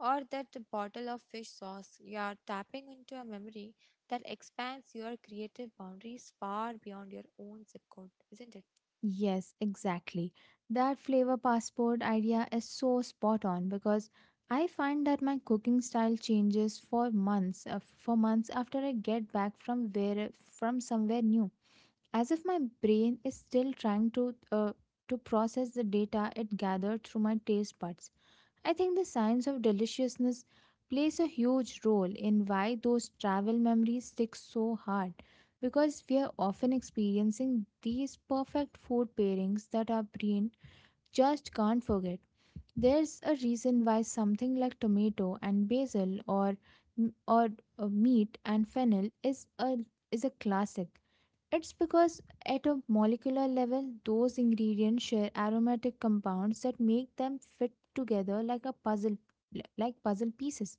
Speaker 2: or that bottle of fish sauce, you are tapping into a memory that expands your creative boundaries far beyond your own zip code, isn't it?
Speaker 1: Yes, exactly. That flavor passport idea is so spot on because I find that my cooking style changes for months after I get back from somewhere new. As if my brain is still trying to process the data it gathered through my taste buds. I think the science of deliciousness plays a huge role in why those travel memories stick so hard, because we are often experiencing these perfect food pairings that our brain just can't forget. There's a reason why something like tomato and basil or meat and fennel is a classic. It's because at a molecular level, those ingredients share aromatic compounds that make them fit together like a puzzle, like puzzle pieces.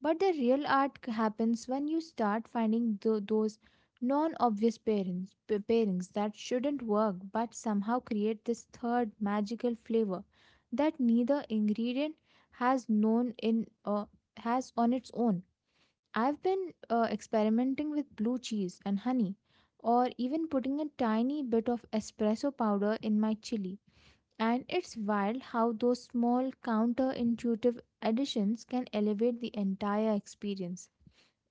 Speaker 1: But the real art happens when you start finding those non-obvious pairings, pairings that shouldn't work but somehow create this third magical flavor that neither ingredient has known in has on its own. I've been experimenting with blue cheese and honey, or even putting a tiny bit of espresso powder in my chili. And it's wild how those small counterintuitive additions can elevate the entire experience.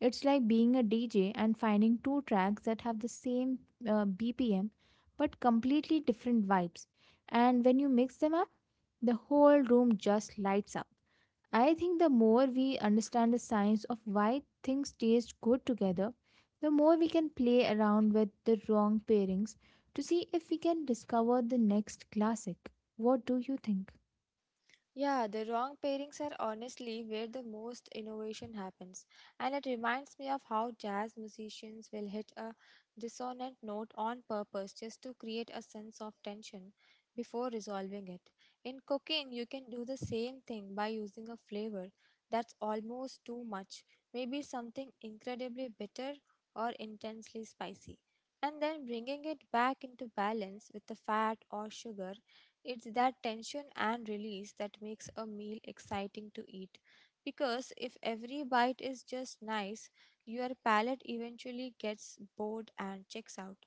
Speaker 1: It's like being a DJ and finding two tracks that have the same BPM but completely different vibes. And when you mix them up, the whole room just lights up. I think the more we understand the science of why things taste good together, the more we can play around with the wrong pairings to see if we can discover the next classic. What do you think?
Speaker 2: Yeah, the wrong pairings are honestly where the most innovation happens, and it reminds me of how jazz musicians will hit a dissonant note on purpose just to create a sense of tension before resolving it. In cooking, you can do the same thing by using a flavor that's almost too much, maybe something incredibly bitter or intensely spicy, and then bringing it back into balance with the fat or sugar. It's that tension and release that makes a meal exciting to eat. Because if every bite is just nice, your palate eventually gets bored and checks out.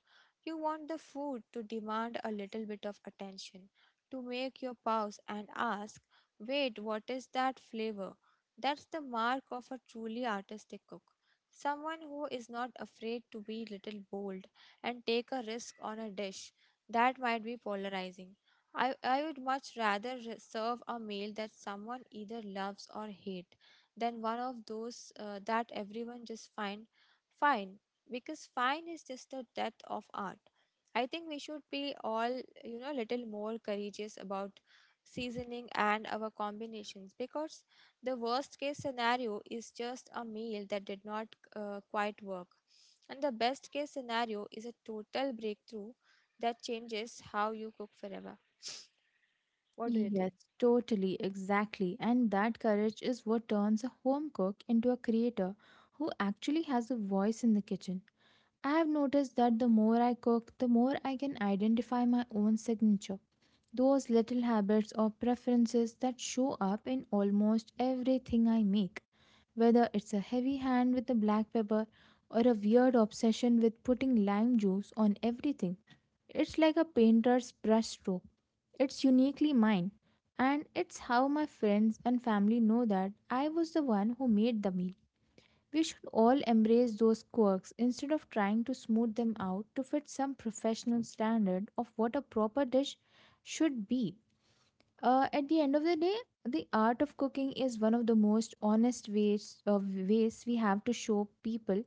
Speaker 2: You want the food to demand a little bit of attention, to make you pause and ask, wait, what is that flavor? That's the mark of a truly artistic cook. Someone who is not afraid to be little bold and take a risk on a dish that might be polarizing. I would much rather serve a meal that someone either loves or hate than one of those that everyone just find fine, because fine is just the death of art. I think we should be all little more courageous about seasoning and our combinations, because the worst case scenario is just a meal that did not quite work, and the best case scenario is a total breakthrough that changes how you cook forever. What do you
Speaker 1: Yes,
Speaker 2: think?
Speaker 1: totally, exactly. And that courage is what turns a home cook into a creator who actually has a voice in the kitchen. I have noticed that the more I cook, the more I can identify my own signature. Those little habits or preferences that show up in almost everything I make, whether it's a heavy hand with the black pepper or a weird obsession with putting lime juice on everything. It's like a painter's brushstroke. It's uniquely mine, and it's how my friends and family know that I was the one who made the meal. We should all embrace those quirks instead of trying to smooth them out to fit some professional standard of what a proper dish should be. At the end of the day, the art of cooking is one of the most honest ways we have to show people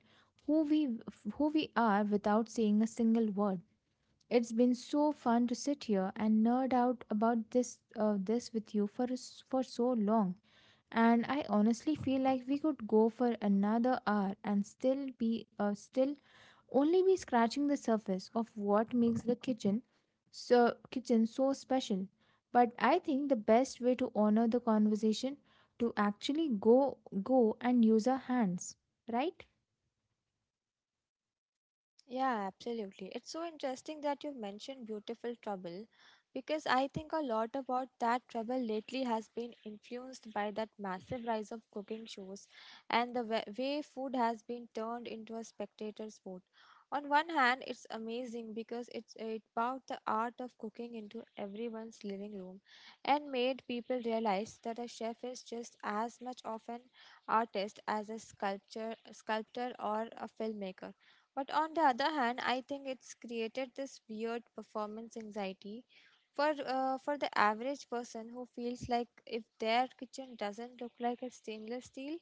Speaker 1: who we who we are without saying a single word. It's been so fun to sit here and nerd out about this with you for for so long. And I honestly feel like we could go for another hour and still only be scratching the surface of what makes the kitchen so special. But I think the best way to honor the conversation to actually go and use our hands, right?
Speaker 2: Yeah, absolutely. It's so interesting that you mentioned beautiful trouble because I think a lot about that trouble lately has been influenced by that massive rise of cooking shows and the way food has been turned into a spectator sport. On one hand, it's amazing because it brought the art of cooking into everyone's living room and made people realize that a chef is just as much of an artist as a sculpture sculptor or a filmmaker. But on the other hand, I think it's created this weird performance anxiety for the average person who feels like if their kitchen doesn't look like a stainless steel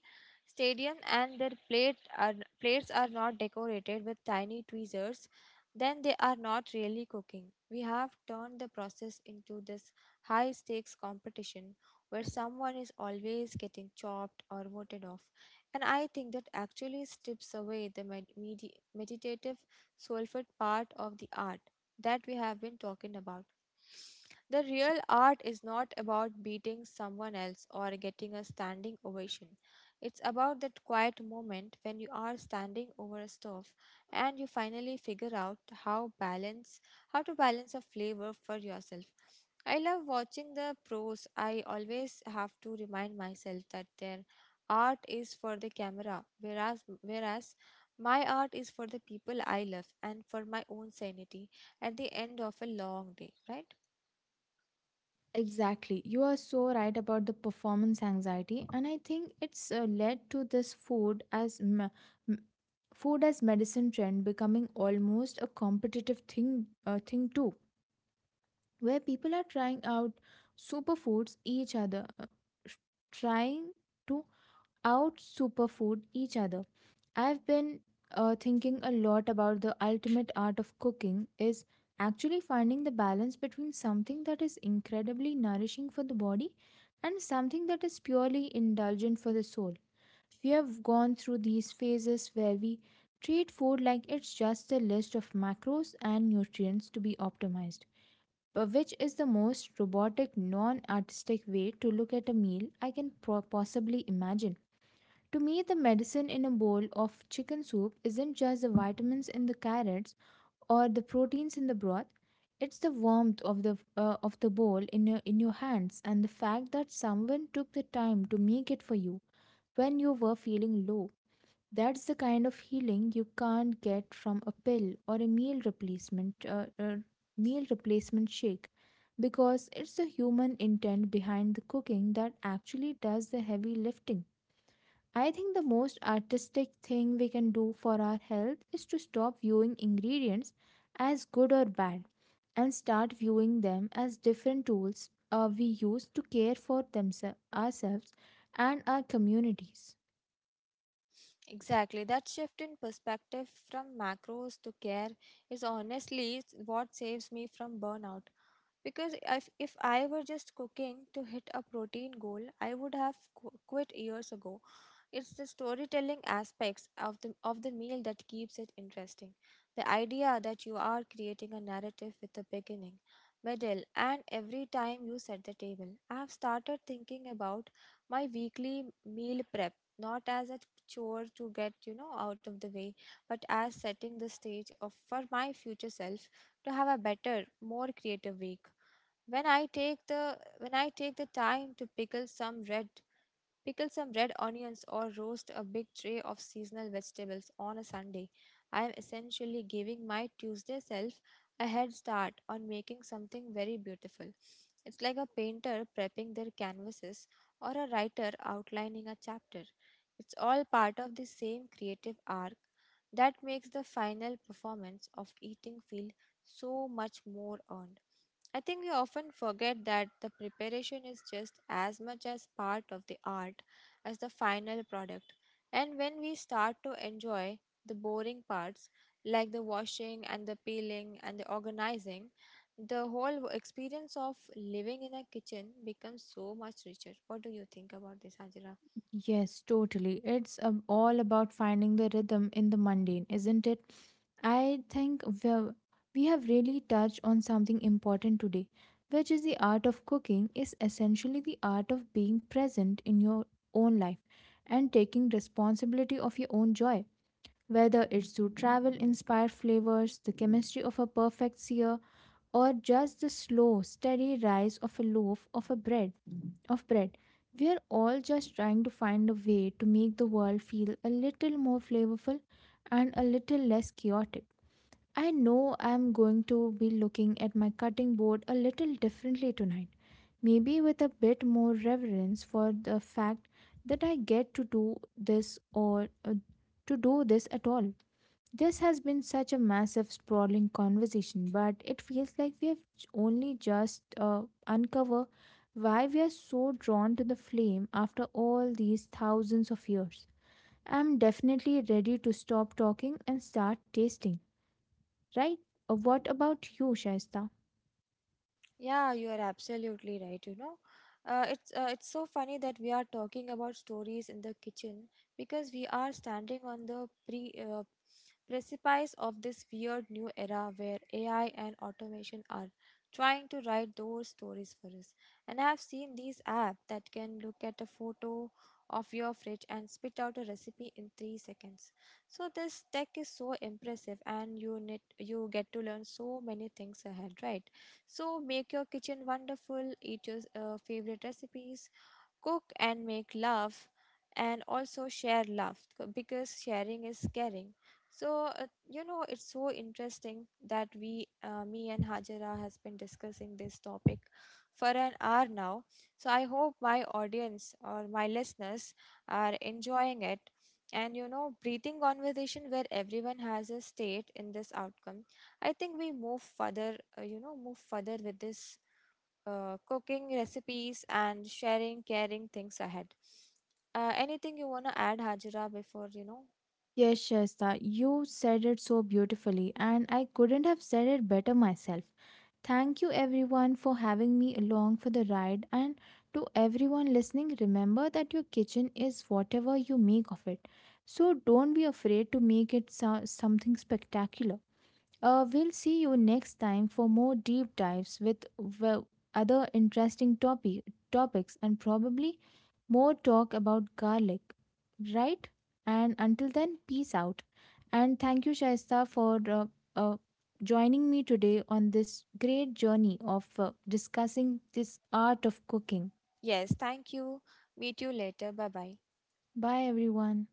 Speaker 2: stadium and their plates are not decorated with tiny tweezers, then they are not really cooking. We have turned the process into this high stakes competition where someone is always getting chopped or voted off. And I think that actually strips away the meditative, soulful part of the art that we have been talking about. The real art is not about beating someone else or getting a standing ovation. It's about that quiet moment when you are standing over a stove and you finally figure out how to balance a flavor for yourself. I love watching the pros. I always have to remind myself that their art is for the camera, whereas my art is for the people I love and for my own sanity at the end of a long day, right?
Speaker 1: Exactly. You are so right about the performance anxiety, and I think it's led to this m- food as medicine trend becoming almost a competitive thing too, where people are trying out superfoods each other, trying to out superfood each other. I've been thinking a lot about the ultimate art of cooking is actually finding the balance between something that is incredibly nourishing for the body and something that is purely indulgent for the soul. We have gone through these phases where we treat food like it's just a list of macros and nutrients to be optimized, but which is the most robotic, non artistic way to look at a meal I can possibly imagine. To me, the medicine in a bowl of chicken soup isn't just the vitamins in the carrots or the proteins in the broth. It's the warmth of the of the bowl in your hands, and the fact that someone took the time to make it for you when you were feeling low. That's the kind of healing you can't get from a pill or a meal replacement shake, because it's the human intent behind the cooking that actually does the heavy lifting. I think the most artistic thing we can do for our health is to stop viewing ingredients as good or bad, and start viewing them as different tools we use to care for themselves ourselves and our communities.
Speaker 2: Exactly. That shift in perspective from macros to care is honestly what saves me from burnout, because if I were just cooking to hit a protein goal, I would have quit years ago. It's the storytelling aspects of the meal that keeps it interesting. The idea that you are creating a narrative with a beginning, middle, and every time you set the table. I have started thinking about my weekly meal prep not as a chore to get out of the way, but as setting the stage of for my future self to have a better, more creative week when I take the time to pickle some red onions or roast a big tray of seasonal vegetables on a Sunday. I am essentially giving my Tuesday self a head start on making something very beautiful. It's like a painter prepping their canvases or a writer outlining a chapter. It's all part of the same creative arc that makes the final performance of eating feel so much more earned. I think we often forget that the preparation is just as much as part of the art as the final product. And when we start to enjoy the boring parts, like the washing and the peeling and the organizing, the whole experience of living in a kitchen becomes so much richer. What do you think about this, Hajira?
Speaker 1: Yes, totally. It's all about finding the rhythm in the mundane, isn't it? I think we have really touched on something important today, which is the art of cooking is essentially the art of being present in your own life and taking responsibility of your own joy. Whether it's through travel inspired flavors, the chemistry of a perfect sear, or just the slow, steady rise of a loaf of bread. We are all just trying to find a way to make the world feel a little more flavorful and a little less chaotic. I know I'm going to be looking at my cutting board a little differently tonight, maybe with a bit more reverence for the fact that I get to do this or to do this at all. This has been such a massive, sprawling conversation, but it feels like we have only just uncovered why we are so drawn to the flame after all these thousands of years. I'm definitely ready to stop talking and start tasting, right? What about you, Shaista?
Speaker 2: Yeah, you are absolutely right. It's so funny that we are talking about stories in the kitchen, because we are standing on the precipice of this weird new era where AI and automation are trying to write those stories for us. And I have seen these apps that can look at a photo of your fridge and spit out a recipe in 3 seconds. So this tech is so impressive, and you get to learn so many things ahead, right? So make your kitchen wonderful, eat your favorite recipes, cook and make love, and also share love because sharing is caring. So it's so interesting that we me and Hajara has been discussing this topic for an hour now. So I hope my audience or my listeners are enjoying it, and breathing conversation where everyone has a state in this outcome. I think we move further with this cooking recipes and sharing caring things ahead. Anything you want to add, Hajira, before you know?
Speaker 1: Yes, Shasta, you said it so beautifully, and I couldn't have said it better myself. Thank you, everyone, for having me along for the ride. And to everyone listening, remember that your kitchen is whatever you make of it. So don't be afraid to make it something spectacular. We'll see you next time for more deep dives with, well, other interesting topics, and probably more talk about garlic, right? And until then, peace out. And thank you, Shaista, for uh, joining me today on this great journey of discussing this art of cooking.
Speaker 2: Yes, thank you. Meet you later. Bye bye.
Speaker 1: Bye, everyone.